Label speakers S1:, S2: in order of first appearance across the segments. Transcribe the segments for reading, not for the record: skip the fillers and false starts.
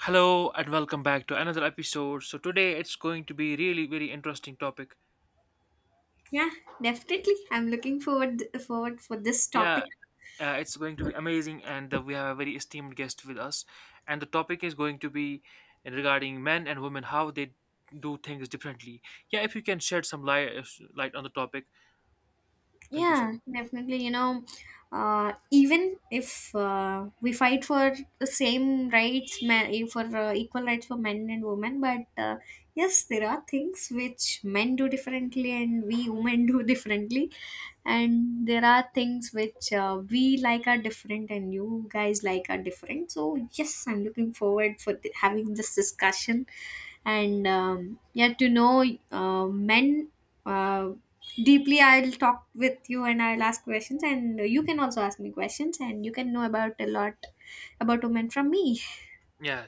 S1: Hello and welcome back to another episode. So today it's going to be really very interesting topic.
S2: Yeah, definitely. I'm looking forward for this topic.
S1: Yeah, it's going to be amazing, and we have a very esteemed guest with us. And the topic is going to be regarding men and women how they do things differently. Yeah, if you can shed some light on the topic, thank you so
S2: Yeah,
S1: much.
S2: definitely. You know, even if we fight for the same rights, men, for equal rights for men and women, but yes, there are things which men do differently and we women do differently, and there are things which we like are different and you guys like are different. So yes, I'm looking forward for having this discussion and yeah, to know men. Uh, Deeply, I'll talk with you and I'll ask questions, and you can also ask me questions and you can know about a lot about women from me.
S1: Yeah,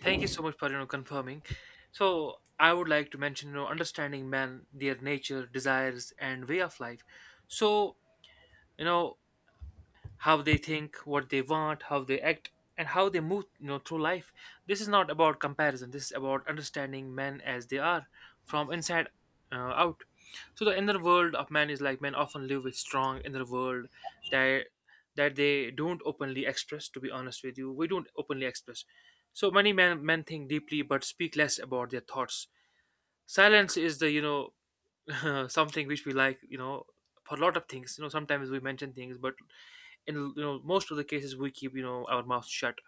S1: thank you so much for confirming. So I would like to mention understanding men, their nature, desires, and way of life. So you know how they think, what they want, how they act, and how they move, through life. This is not about comparison. This is about understanding men as they are, from inside out. So the inner world of men is like men often live with strong inner world that that they don't openly express. To be honest with you, we don't openly express. So many men think deeply but speak less about their thoughts. Silence is the something which we like for a lot of things. Sometimes we mention things, but in most of the cases we keep our mouth shut.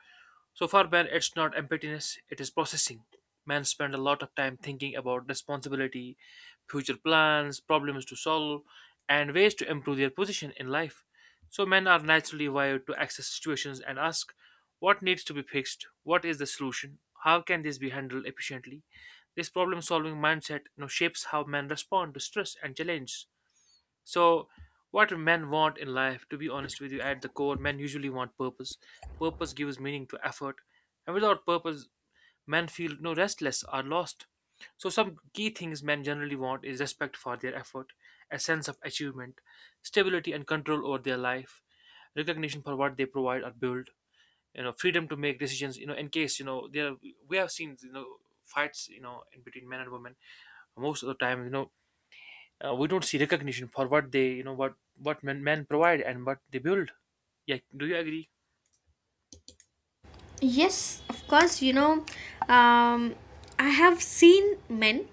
S1: So for man, it's not emptiness, it is processing. Men spend a lot of time thinking about responsibility, future plans, problems to solve, and ways to improve their position in life. So men are naturally wired to access situations and ask: what needs to be fixed, what is the solution, how can this be handled efficiently. This problem solving mindset, shapes how men respond to stress and challenges. So, what do men want in life? To be honest with you, at the core, men usually want purpose. Purpose gives meaning to effort, and without purpose, men feel no restless or lost. So, some key things men generally want is respect for their effort, a sense of achievement, stability and control over their life, recognition for what they provide or build, freedom to make decisions. In case, there we have seen fights in between men and women most of the time, we don't see recognition for what they, what men provide and what they build. Yeah, do you agree?
S2: Yes, of course. You know, um, I have seen men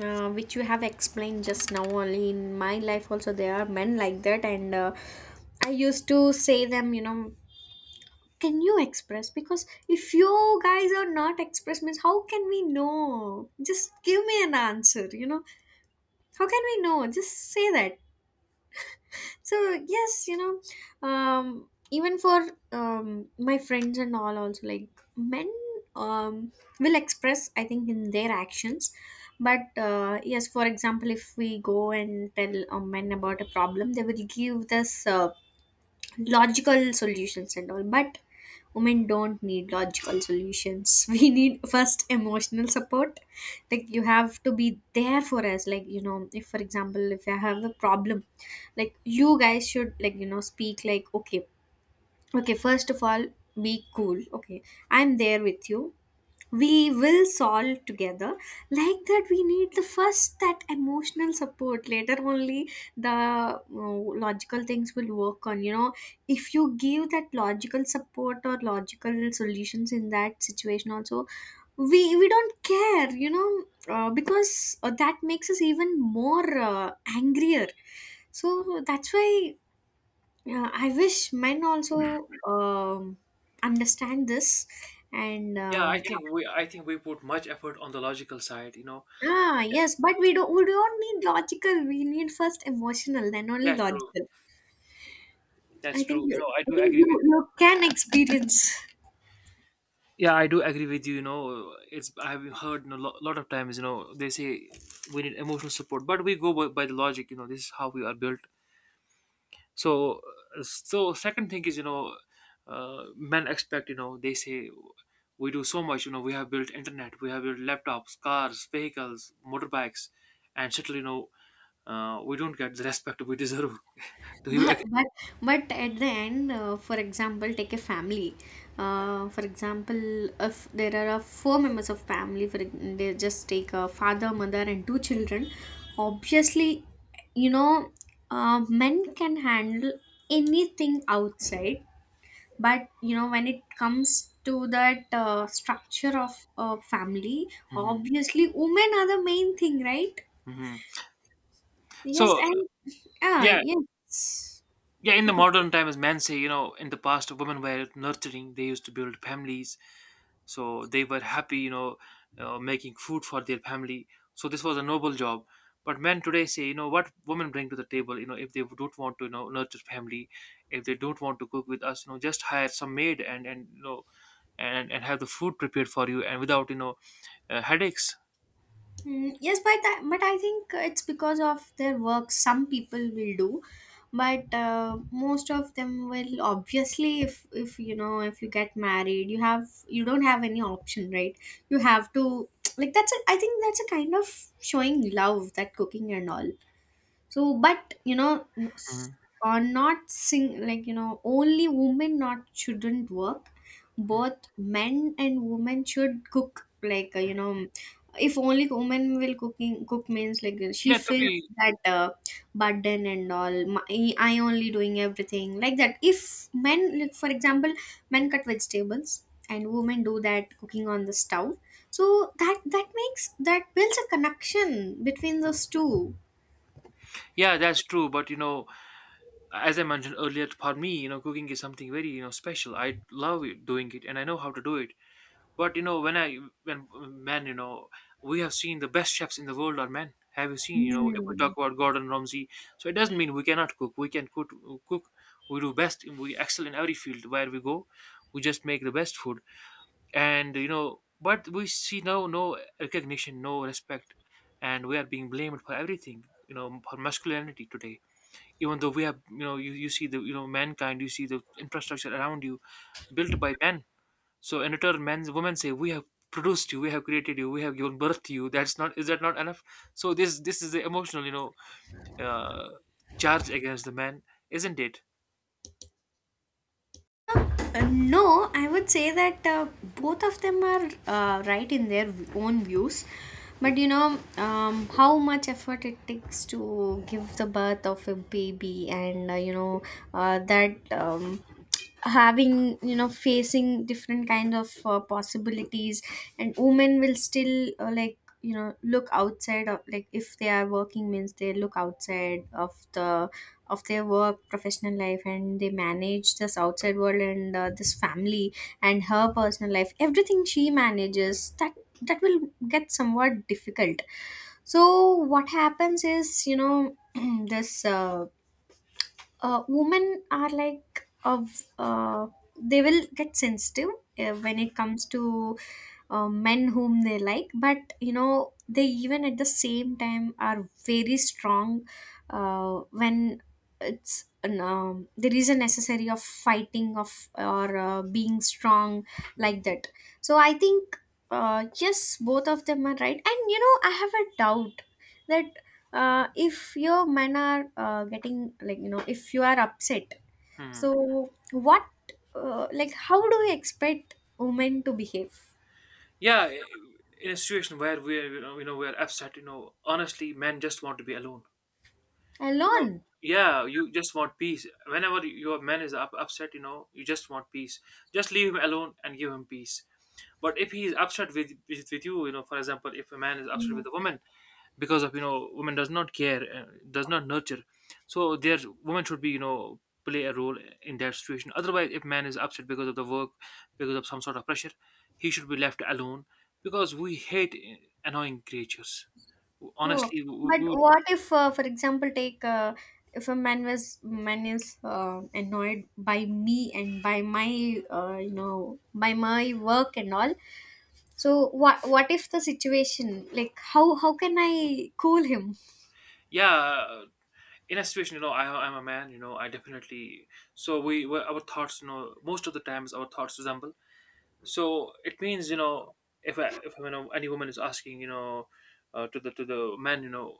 S2: which you have explained just now only. In my life also there are men like that, and I used to say them, you know, can you express? Because if you guys are not express means, how can we know? Just give me an answer, you know. How can we know? Just say that. So yes, you know, um, even for um, my friends and all also, like, men, um, will express, I think, in their actions, but yes, for example, if we go and tell a man about a problem, they will give this logical solutions and all, but women don't need logical solutions. We need first emotional support. Like, you have to be there for us, like, you know, if, for example, if I have a problem, like, you guys should, like, you know, speak like, okay, okay, first of all, be cool, okay, I'm there with you, we will solve together. Like that, we need the first that emotional support. Later only the logical things will work, on you know. If you give that logical support or logical solutions in that situation also, we don't care, you know, because that makes us even more angrier. So that's why I wish men also, understand this and
S1: Yeah, i think we i think we put much effort on the logical side.
S2: Ah, yes, but we don't need logical. We need first emotional, then only
S1: That's true,
S2: logical.
S1: that's
S2: I think
S1: true,
S2: you,
S1: I
S2: I
S1: do
S2: think
S1: agree
S2: you
S1: with.
S2: you can experience.
S1: Yeah, I do agree with you, you know it's I have heard a lot of times, they say we need emotional support but we go by the logic, this is how we are built. So so second thing is, men expect, they say we do so much, we have built internet, we have built laptops, cars, vehicles, motorbikes, and still, we don't get the respect we deserve. Do you
S2: But
S1: agree?
S2: but but at the end, for example, take a family. For example, if there are four members of family, for they just take a father, mother, and two children. Obviously, you know, men can handle anything outside, but you know, when it comes to that structure of family,
S1: Hmm.
S2: obviously women are the main thing, right?
S1: Hmm.
S2: Yes.
S1: So
S2: And ah,
S1: yeah,
S2: yes,
S1: yeah, in the
S2: okay.
S1: modern times men say, in the past women were nurturing, they used to build families, so they were happy, making food for their family, so this was a noble job. But men today say, what women bring to the table, if they don't want to nurture family, if they don't want to cook with us, just hire some maid and and have the food prepared for you and without headaches.
S2: Mm, yes, but but I think it's because of their work. Some people will do, but most of them will obviously, if you know, if you get married, you have, you don't have any option, right? You have to. Like, that's a, I think that's a kind of showing love, that cooking and all. So, but you know,
S1: Mhm.
S2: are not sing, like, you know, only women not shouldn't work. Both men and women should cook, like, you know, if only women will cooking cook means, like, she
S1: Yeah, to
S2: feels
S1: be.
S2: that burden and all, my, I only doing everything, like that. If men, like, for example, men cut vegetables and women do that cooking on the stove, so that, that makes, that builds a connection between those two.
S1: Yeah, that's true. But as I mentioned earlier, for me, cooking is something very special, I love doing it and I know how to do it. But when men, we have seen the best chefs in the world are men. Have you seen? If we
S2: Hmm.
S1: talk about Gordon Ramsay, so it doesn't mean we cannot cook. We can cook. Cook. We do best. We excel in every field where we go. We just make the best food, and, but we see no recognition, no respect, and we are being blamed for everything. For masculinity today. Even though we have, you see the mankind, you see the infrastructure around you built by men. So in return, men, women say, "We have produced you, we have created you, we have given birth to you." That's not Is that not enough? So this is the emotional, uh, charge against the man, isn't it?
S2: No, I would say that both of them are right in their own views. But you know, how much effort it takes to give the birth of a baby, and you know, that having, you know, facing different kind of possibilities, and women will still like, you know, look outside of, like, if they are working means they look outside of the of their work, professional life, and they manage this outside world and this family, and her personal life, everything she manages. That, that will get somewhat difficult. So what happens is, you know, this women are like of they will get sensitive when it comes to men whom they like, but you know, they even at the same time are very strong when it's an, there is a necessary of fighting of or being strong, like
S1: Mm.
S2: that. So I think yes, both of them are right. And you know, I have a doubt that if your men are getting, like, you know, if you are upset,
S1: Hmm.
S2: so what like, how do you expect women to behave?
S1: Yeah, in a situation where we're, we're upset, honestly, men just want to be alone. You know,
S2: Alone?
S1: yeah, you just want peace. Whenever your man is upset, you just want peace. Just leave him alone and give him peace. But if he is upset with you, for example, if a man is upset
S2: Mm.
S1: with a woman, because of, women does not care, does not nurture, so there women should be, play a role in that situation. Otherwise if man is upset because of the work, because of some sort of pressure, he should be left alone, because we hate annoying creatures.
S2: No.
S1: Honestly, we,
S2: But
S1: we would.
S2: what if, for example, take if a man is annoyed by me and by my you know, by my work and all. So what if the situation, like, how can I cool him?
S1: Yeah, in a situation, I'm a man, I definitely. So our thoughts, most of the times our thoughts resemble. So it means, if any woman is asking, to the man,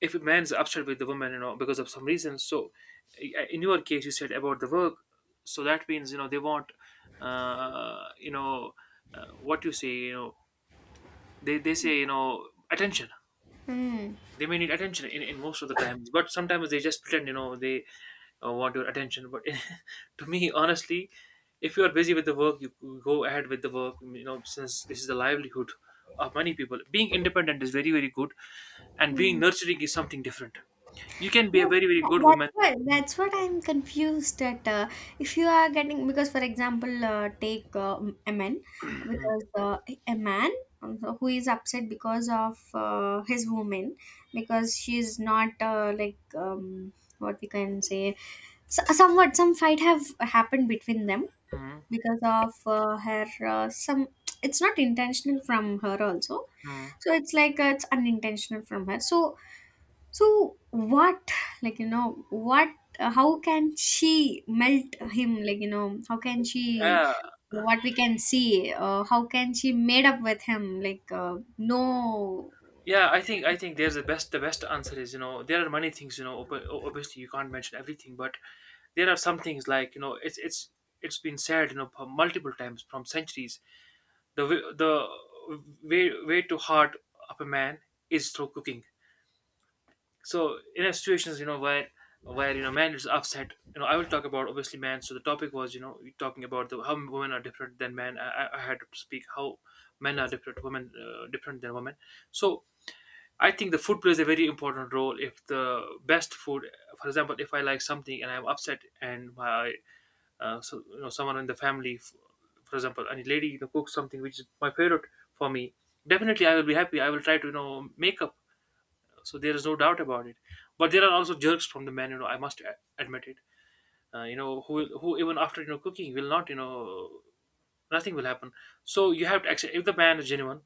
S1: if a man's upset with the woman, because of some reason. So, in your case, you said about the work, so that means, they want, uh, you know, what you say, they say, attention.
S2: Mm.
S1: They may need attention in most of the times, but sometimes they just pretend, they want your attention, but to me honestly, if you are busy with the work, you go ahead with the work, since this is the livelihood of many people. Being independent is very very good, and being nurturing is something different. You can be a
S2: No,
S1: very very good woman.
S2: that's what, that's what I'm confused at. If you are getting because, for example, take a man,
S1: Mhm,
S2: because a man who is upset because of his woman, because she is not like, what we can say, so, somewhat some fight have happened between them
S1: mhm,
S2: because of her some, it's not intentional from her also,
S1: mhm.
S2: so it's like it's unintentional from her. So, so what, like, you know, what? How can she melt him? Like, you know, how can she?
S1: Yeah.
S2: What we can see? How can she made up with him? Like no,
S1: Yeah, I think there's the best answer is, there are many things, obviously you can't mention everything, but there are some things like, it's been said, for multiple times from centuries. The way to heart of a man is through cooking. So in a situations, where man is upset, I will talk about obviously man. So the topic was, talking about the, how women are different than men. I had to speak how men are different, women different than women. So I think the food plays a very important role. If the best food, for example, if I like something and I'm upset, and my so, someone in the family, for example, any lady, cooks something which is my favorite for me, definitely I will be happy. I will try to make up. So there is no doubt about it. But there are also jerks from the men. I must admit it. You know, Who even after cooking will not nothing will happen, so you have to accept if the man is genuine,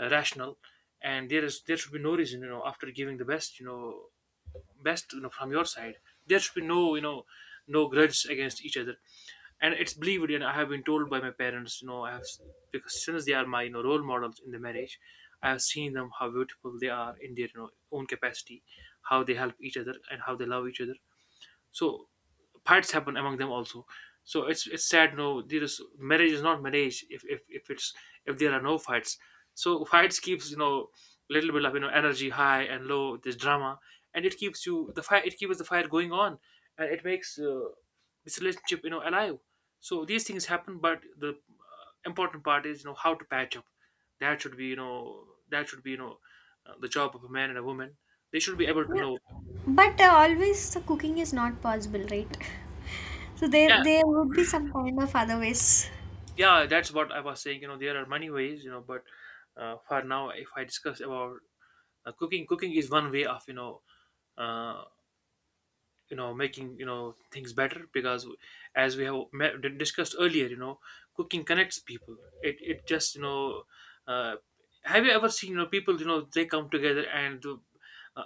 S1: rational. And there should be no reason, after giving the best, from your side, there should be no grudges against each other. And it's believed, and I have been told by my parents, I have, because since they are my, role models in the marriage. I have seen them how beautiful they are in their, own capacity, how they help each other and how they love each other. So fights happen among them also. So it's sad, no, there is, marriage is not marriage if it's, if there are no fights. So fights keeps, little bit of energy high and low, this drama, and it keeps you the fire, it keeps the fire going on, and it makes, this relationship, alive. So these things happen, but the important part is, how to patch up. That should be, the job of a man and a woman. They should be able to know.
S2: but always the cooking is not possible, right? So there,
S1: Yeah.
S2: there would be some kind of other ways.
S1: Yeah, that's what I was saying, there are many ways, but for now, if I discuss about, cooking, is one way of uh, making, things better, because as we have discussed earlier, cooking connects people. It just, uh, have you ever seen, people, they come together and uh,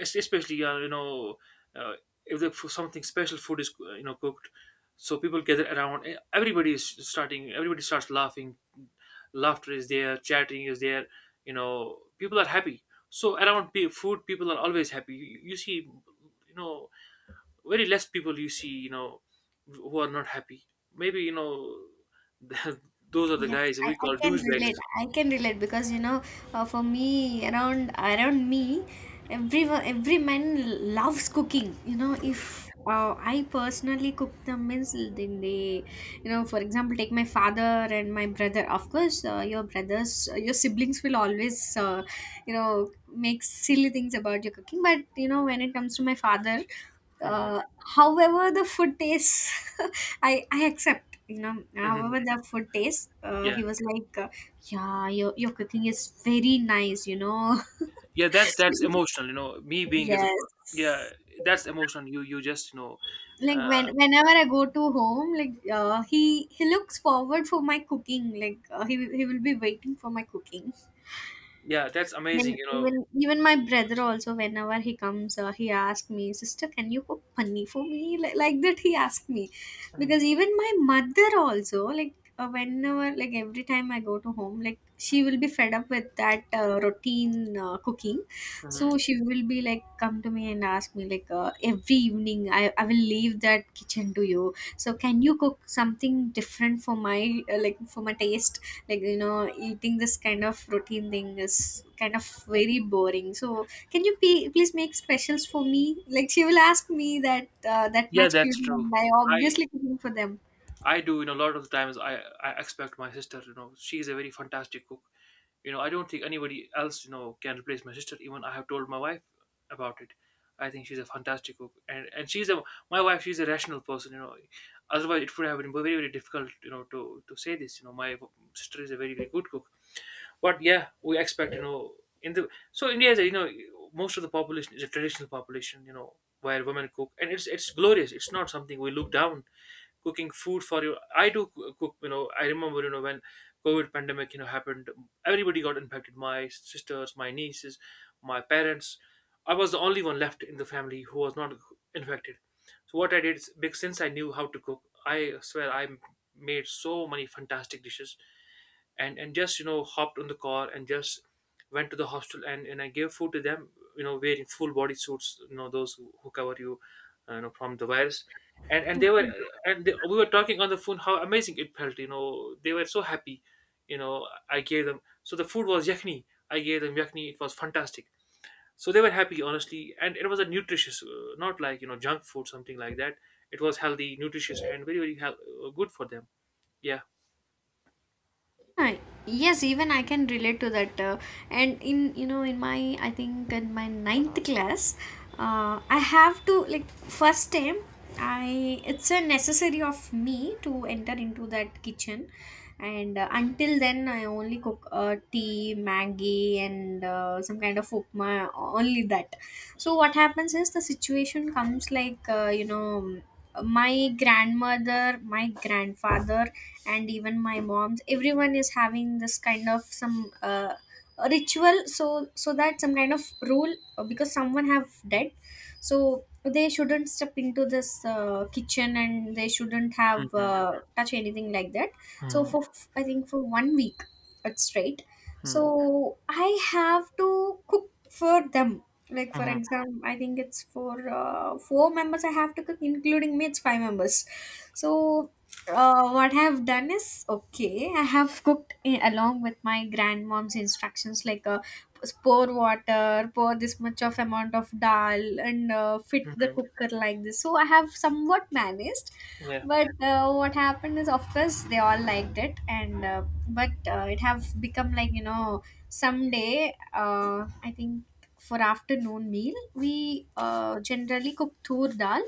S1: especially uh, if the, for something special food is, cooked. So people gather around, everybody starts laughing, laughter is there, chatting is there, people are happy. So around food, people are always happy, you see, you know very less people you see, who are not happy. Maybe, those are the
S2: Yes,
S1: guys we
S2: I
S1: call
S2: can
S1: douchebags.
S2: relate. I can relate because, you know, for me, around me, everyone, every man loves cooking. You know, if I personally cook the meals, then they, you know, for example, take my father and my brother. Of course, your brothers, your siblings will always, you know, make silly things about your cooking. But you know, when it comes to my father.
S1: Mhm.
S2: Uh, However, the food tastes, I accept. You know,
S1: Mhm.
S2: however the food tastes,
S1: Yeah.
S2: he was like, "Yeah, your cooking is very nice." You know,
S1: Yeah, that's emotional, me being as a father. Yeah,
S2: yes.
S1: that's emotional, you just,
S2: Like,
S1: uh,
S2: when whenever I go to home, like, he looks forward for my cooking. Like, he will be waiting for my cooking.
S1: yeah, that's amazing,
S2: And even, even my brother also, whenever he comes, he asks me, "Sister, can you cook paneer for me?" Like that, he asked me, because even my mother also, like, whenever, like every time I go to home, like, she will be fed up with that routine cooking, so
S1: Mhm.
S2: she will be like, come to me and ask me like, every evening, I will leave that kitchen to you, so can you cook something different for my like, for my taste? Like, you know, eating this kind of routine thing is kind of very boring, so can you please make specials for me? Like, she will ask me that that
S1: Yeah,
S2: much
S1: that's
S2: cute,
S1: true.
S2: and I
S1: i
S2: obviously cooking for them.
S1: I do, a lot of times I expect my sister, she's a very fantastic cook. You know, I don't think anybody else, you know, can replace my sister. Even I have told my wife about it. I think she's a fantastic cook, and she's a my wife. She's a rational person, you know. Otherwise, it would have been very very difficult, you know, to say this. You know, my sister is a very very good cook. But yeah, we expect, you know, in the so India is, a, you know, most of the population is a traditional population, you know, where women cook, and it's glorious. It's not something we look down. Cooking food for you, I do cook, you know. I remember, you know, when COVID pandemic, you know, happened, everybody got infected. My sisters, my nieces, my parents. I was the only one left in the family who was not infected. So what I did is, because since I knew how to cook, I swear, I made so many fantastic dishes, and just, you know, hopped on the car and just went to the hostel, and I gave food to them, you know, wearing full body suits, you know, those who cover you, you know, from the virus. And they were, and they, we were talking on the phone how amazing it felt, you know, they were so happy. You know, I gave them, so the food was yakni, I gave them yakni, it was fantastic. So they were happy, honestly, and it was a nutritious, not like, you know, junk food something like that. It was healthy, nutritious, and very very good for them. Yeah.
S2: Uh, yes, even I can relate to that and in, you know, in my, I think in my ninth class I have to, like, first time I, it's a necessary of me to enter into that kitchen, and until then, I only cook tea, maggie, and some kind of upma, only that. So what happens is, the situation comes, like, you know, my grandmother, my grandfather, and even my mom's, everyone is having this kind of some ritual, so, so that some kind of rule because someone have dead, so they shouldn't step into this kitchen, and they shouldn't have touch anything, like that. So
S1: Mm-hmm.
S2: for I think for 1 week, it's straight, so I have to cook for them. Like, for
S1: Mm.
S2: example, I think it's for four members I have to cook, including me, it's five members. So what I have done is, okay, I have cooked along with my grandmom's instructions, like, pour water, pour this much of amount of dal, and fit the
S1: Mhm.
S2: cooker like this. So I have somewhat managed.
S1: Yeah.
S2: But what happened is, of course, they all liked it, and but it have become, like, you know, someday. I think for afternoon meal we generally cook tur dal,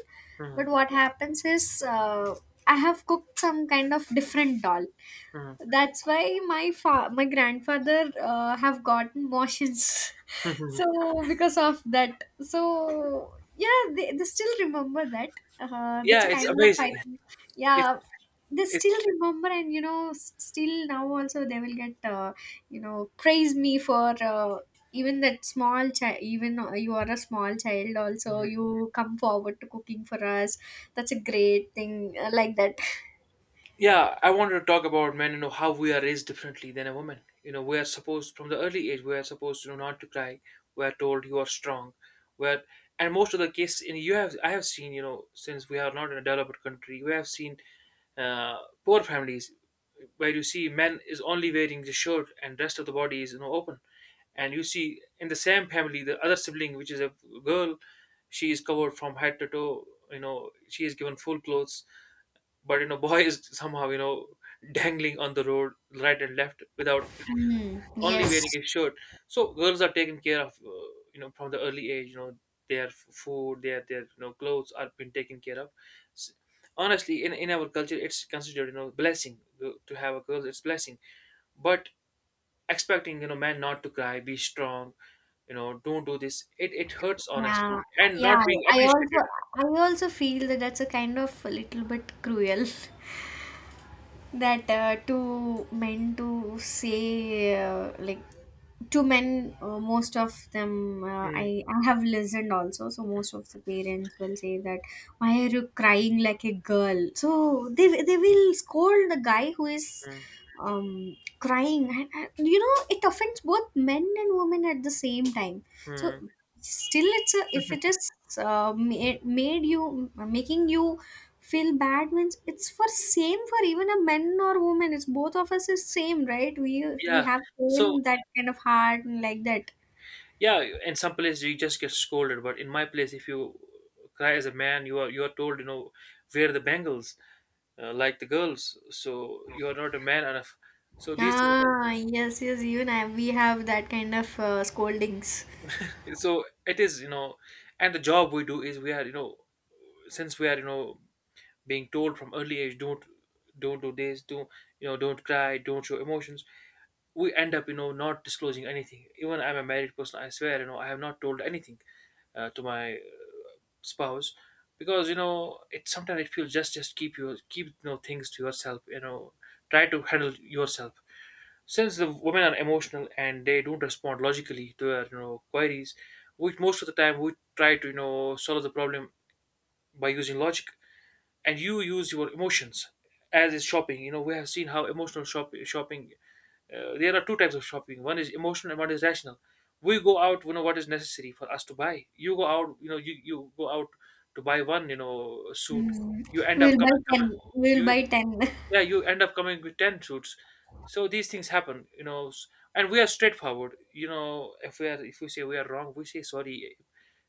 S2: but
S1: Mhm.
S2: what happens is, I have cooked some kind of different doll.
S1: Mhm.
S2: That's why my my grandfather have gotten motions. So because of that, so yeah, they still remember that. That's
S1: Yeah,
S2: a
S1: it's
S2: kind of, I
S1: amazing.
S2: think,
S1: It's
S2: yeah. They
S1: it's
S2: still remember, and you know, still now also they will get you know, praise me for. Even that small child, even you are a small child also,
S1: mhm.
S2: you come forward to cooking for us. That's a great thing, like that.
S1: Yeah, I wanted to talk about men, you know, how we are raised differently than a woman. You know, we are supposed, from the early age we are supposed to know not to cry. We are told you are strong. Where, and most of the case in, you have, I have seen, you know, since we are not in a developed country, we have seen, uh, poor families, where you see men is only wearing the shirt and rest of the body is, you know, open. And you see in the same family the other sibling which is a girl, she is covered from head to toe, you know, she is given full clothes, but you know boy is somehow, you know, dangling on the road, right and left, without
S2: Mm,
S1: only
S2: yes.
S1: wearing a shirt. So girls are taken care of, you know, from the early age, you know, their food, their you know clothes are been taken care of. S- honestly, in our culture it's considered, you know, blessing to have a girl, it's blessing. But expecting, you know, men not to cry, be strong, you know, don't do this, it hurts,
S2: Yeah.
S1: honestly, and
S2: Yeah.
S1: not being
S2: I also
S1: appreciated.
S2: I also feel that that's a kind of a little bit cruel. That two men to say like two men, most of them, uh,
S1: Mm.
S2: I, I have listened also, so most of the parents will say that why are you crying like a girl. So they will scold the guy who is crying. And you know, it offends both men and women at the same time. So
S1: Mm.
S2: still, it's a if it is made you making you feel bad, means it's for same for even a man or woman, it's both of us is same, right? We
S1: Yeah.
S2: have
S1: So
S2: same that kind of heart and like that.
S1: yeah, in some places you just get scolded, but in my place, if you cry as a man, you are told, you know, wear the bangles, like the girls, so you are not a man enough. So these things are,
S2: Ah, yes, yes, even we have that kind of scoldings.
S1: so it is, you know, and the job we do is, we are, you know, since we are, you know, being told from early age, don't do this, don't, you know, don't cry, don't show emotions. We end up, you know, not disclosing anything. Even I'm a married person, I swear, you know, I have not told anything to my spouse, because, you know, it sometimes it feels, just keep your, keep, you know, things to yourself, you know, try to handle yourself, since the women are emotional and they don't respond logically to our, you know, queries, which most of the time we try to, you know, solve the problem by using logic, and you use your emotions. As is shopping, you know, we have seen how emotional shopping, there are two types of shopping, one is emotional and one is rational. We go out, you know, what is necessary for us to buy, you go out, you know, you go out to buy one, you know, suit.
S2: Mm.
S1: You end up
S2: We'll buy 10,
S1: coming,
S2: we'll
S1: you,
S2: buy 10.
S1: yeah, you end up coming with 10 suits. So these things happen, you know, s- and we are straightforward, you know, if we are, if we say we are wrong, we say sorry.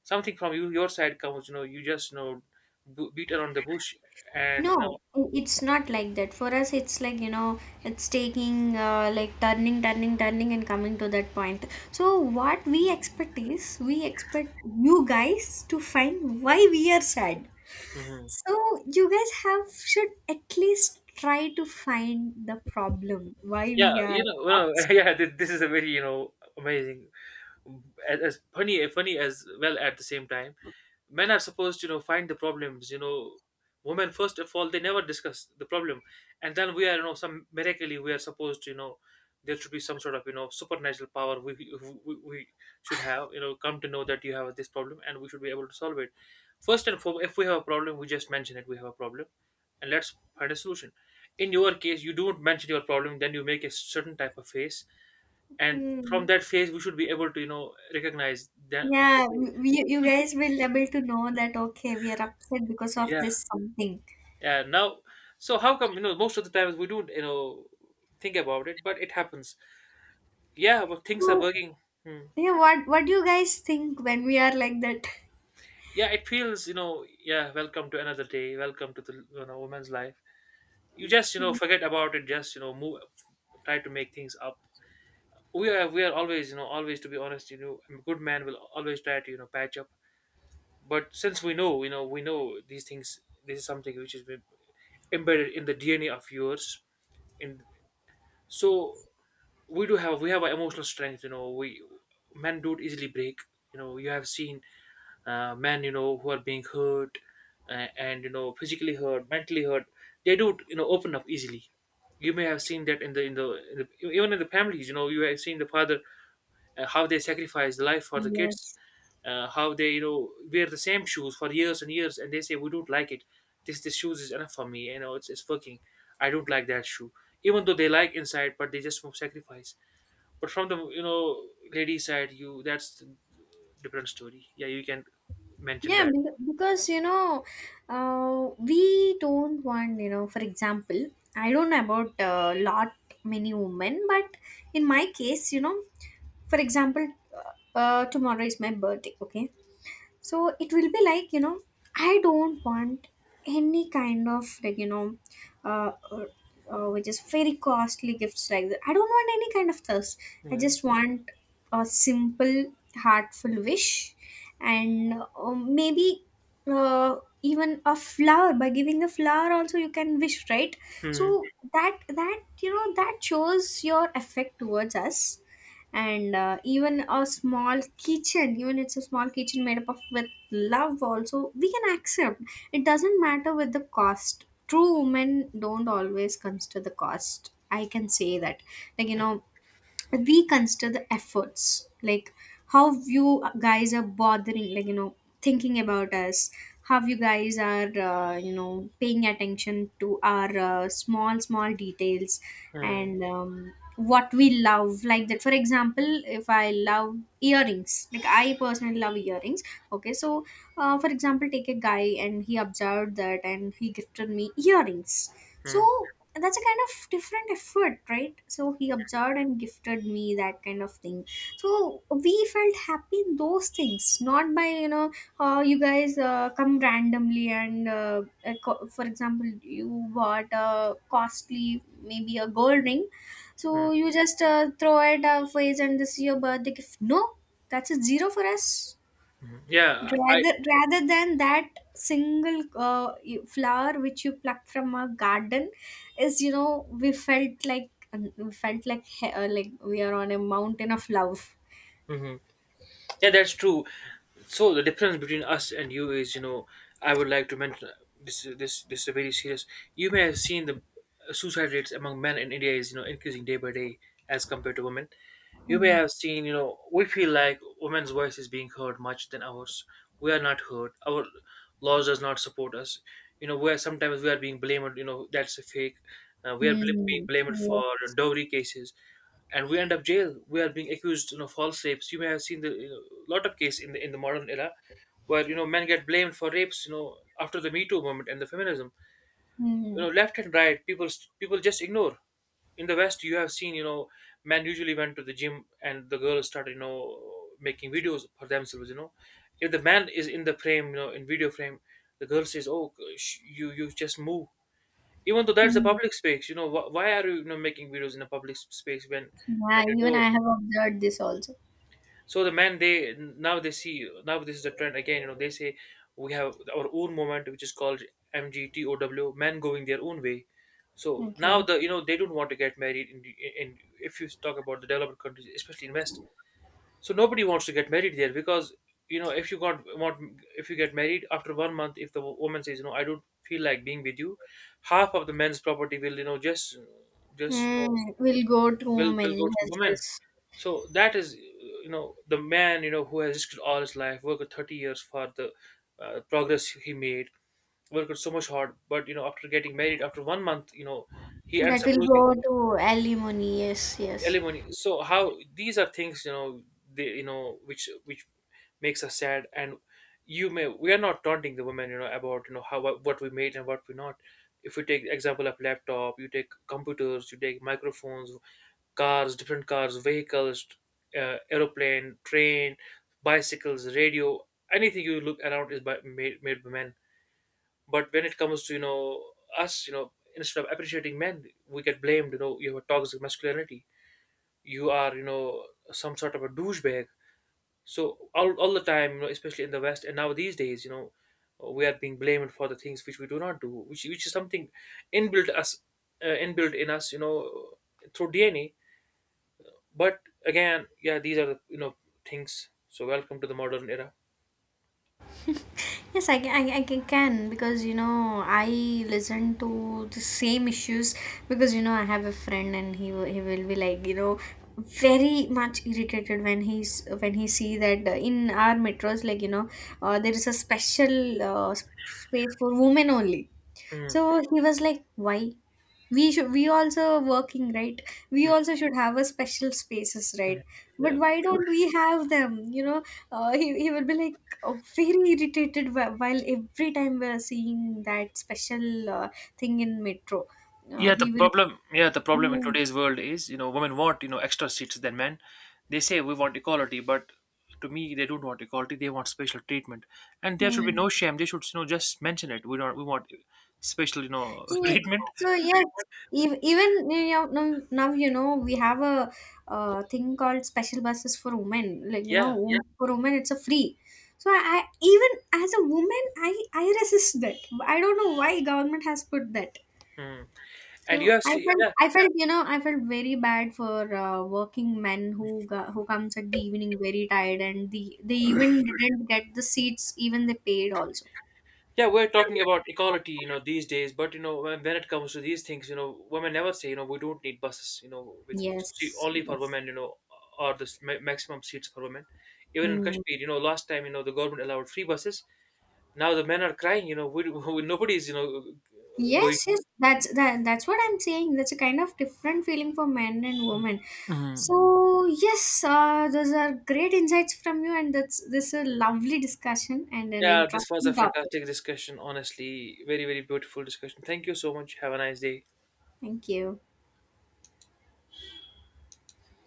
S1: Something from you, your side comes, you know, you just, you know, beat around the bush, and, you know,
S2: It's not like that for us. It's like, you know, it's taking, like turning, turning, turning and coming to that point. So what we expect is we expect you guys to find why we are sad.
S1: Mhm.
S2: So you guys have should at least try to find the problem why we
S1: Yeah,
S2: are
S1: you know
S2: upset.
S1: yeah, this is a very, you know, amazing, as funny as well at the same time. Men are supposed to, you know, find the problems, you know, women first of all they never discuss the problem, and then we are, you know, some miraculously we are supposed to, you know, there should be some sort of, you know, supernatural power, we should have, you know, come to know that you have this problem and we should be able to solve it. First and foremost, if we have a problem, we just mention it, we have a problem, and let's find a solution. In your case, you don't mention your problem, then you make a certain type of face, and from
S2: Hmm.
S1: that phase we should be able to, you know, recognize that.
S2: Yeah, we, you guys will able to know that, okay, we are upset because of
S1: Yeah.
S2: this something.
S1: Yeah, now, so how come, you know, most of the times we don't, you know, think about it, but it happens, yeah, but things are
S2: So,
S1: working. Hmm.
S2: yeah, what do you guys think when we are like that?
S1: Yeah, it feels, you know, yeah, welcome to another day, welcome to the, you know, woman's life. You just, you know,
S2: Hmm.
S1: forget about it, just, you know, move, try to make things up. We are we are always, you know, always, to be honest, you know, a good man will always try to, you know, patch up. But since we know, you know, we know these things, this is something which is embedded in the DNA of yours. And so we do have, we have an emotional strength. You know, we men don't easily break. You know, you have seen, men, you know, who are being hurt, and, you know, physically hurt, mentally hurt. They don't, you know, open up easily. You may have seen that in the even in the families. You know, you have seen the father, how they sacrifice life for the kids,
S2: Yes.
S1: how they, you know, wear the same shoes for years and years, and they say we don't like it. This shoes is enough for me. You know, it's working. I don't like that shoe, even though they like inside, but they just won't sacrifice. But from the, you know, lady side, you, that's different story. Yeah, you can mention
S2: Yeah,
S1: that.
S2: because you know, we don't want, you know. For example, I don't know about lot many women, but in my case, you know, for example, tomorrow is my birthday. Okay, so it will be like, you know, I don't want any kind of, like, you know, uh, uh, which is very costly gifts like that. I don't want any kind of thirst. I
S1: Mm-hmm.
S2: just want a simple heartful wish, and maybe even a flower, by giving a flower also you can wish, right? So that, that, you know, that shows your affect towards us. And even a small kitchen, even it's a small kitchen made up of with love, also we can accept. It doesn't matter with the cost. True, women don't always consider the cost, I can say that. Like, you know, we consider the efforts, like how you guys are bothering, like, you know, thinking about us, how you guys are, you know, paying attention to our small small details.
S1: Mm-hmm.
S2: And what we love, like that. For example, if I love earrings, like I personally love earrings. Okay, so for example, take a guy and he observed that and he gifted me earrings. So, and that's a kind of different effort, right? So he observed and gifted me that kind of thing. So we felt happy in those things, not by, you know, you guys come randomly and for example, you bought a costly, maybe a gold ring,
S1: Mm-hmm.
S2: so you just throw it a face, and this is your birthday gift. No, that's a zero for us.
S1: Yeah, I.
S2: Rather than that single flower which you pluck from a garden, is, you know, we felt like like we are on a mountain of love.
S1: Mhm. Yeah, that's true. So the difference between us and you is, you know, I would like to mention this. This is very serious. You may have seen the suicide rates among men in India is, you know, increasing day by day as compared to women. You may have seen, you know, we feel like women's voice is being heard much than ours. We are not heard. Our laws does not support us. You know, we are sometimes we are being blamed. You know, that's a fake. We are being
S2: Mm.
S1: blamed
S2: Yes.
S1: for dowry cases, and we end up jail. We are being accused, you know, false rapes. You may have seen the, you know, lot of case in the modern era where, you know, men get blamed for rapes. After the Me Too movement and the feminism,
S2: Mm.
S1: left and right, people just ignore. In the west you have seen, men usually went to the gym and the girls started, making videos for themselves. If the man is in the frame, in video frame, the girl says, oh, you just move, even though that's a
S2: Mm.
S1: public space. Why are you, you know making videos in a public space,
S2: Yeah,
S1: when you
S2: even
S1: know
S2: I have observed this also.
S1: so the men, they see now this is a trend again. They say we have our own movement, which is called MGTOW. Men going their own way. So
S2: Okay.
S1: now they don't want to get married in, the- in if you talk about the developed countries, especially in West. So nobody wants to get married there because, you know if you got want if you get married after 1 month, if the woman says, I don't feel like being with you, half of the men's property will, just, just you
S2: Mm.
S1: know
S2: We'll go to
S1: will go
S2: many
S1: to the woman.
S2: houses.
S1: So that is, the man, who has risked all his life, worked 30 years for the progress he made, worked so much hard, but, after getting married, after 1 month, he ends
S2: That
S1: up
S2: will
S1: losing
S2: go to alimony. Yes, yes.
S1: alimony. So how these are things, they, which makes us sad. And we are not taunting the women, about, how, what we made and what we not. If we take example of laptop, you take computers, you take microphones, cars, different cars, vehicles, aeroplane, train, bicycles, radio, anything you look around is made by men. But when it comes to, us, instead of appreciating men, we get blamed. You have a toxic masculinity. You are, some sort of a douchebag. So all the time, especially in the West, and now these days, we are being blamed for the things which we do not do, which is something inbuilt us, inbuilt in us, through DNA. But again, yeah, these are the, things. So welcome to the modern era.
S2: Yes, I can, can because you know I listen to the same issues, because you know I have a friend and he will be like, you know, very much irritated when he's when he see that in our metros, like you know, there is a special uh, s- space for women only.
S1: Mm.
S2: So he was like, why? We should, we also are working, right? We
S1: Mm.
S2: also should have a special spaces, right?
S1: Mm.
S2: But
S1: Yeah.
S2: why don't we have them? You know, he will be like very irritated while every time we're seeing that special thing in metro. He will.
S1: Yeah, the problem in
S2: Mm,
S1: today's world is, women want, extra seats than men. They say we want equality, but to me, they don't want equality. They want special treatment, and there should be
S2: mm.
S1: no shame. They should, just mention it. We don't, we want special,
S2: Yeah.
S1: treatment.
S2: So yes, even you know, now you know we have a thing called special buses for women. Like you know,
S1: Yeah.
S2: Yeah, for women it's a free. So I even as a woman, I resist that. I don't know why government has put that.
S1: Mm. And you
S2: So
S1: have seen. Yeah.
S2: I felt, you know, I felt very bad for working men who comes at the evening very tired and the they even didn't get the seats even they paid also.
S1: Yeah, we're talking about equality, these days. But, when it comes to these things, women never say, we don't need buses, with
S2: Yes.
S1: only for
S2: Yes.
S1: women, or the maximum seats for women. Even in
S2: Hmm.
S1: Kashmir, last time, the government allowed free buses. Now the men are crying, we, we nobody's, going.
S2: Yes, yes, that's what I'm saying. That's a kind of different feeling for men and women.
S1: Mhm.
S2: So yes, those are great insights from you, and that's this is a lovely discussion and an
S1: Yeah, this was
S2: interesting
S1: a
S2: topic.
S1: fantastic discussion. Honestly, very, very beautiful discussion. Thank you so much. Have a nice day.
S2: Thank you.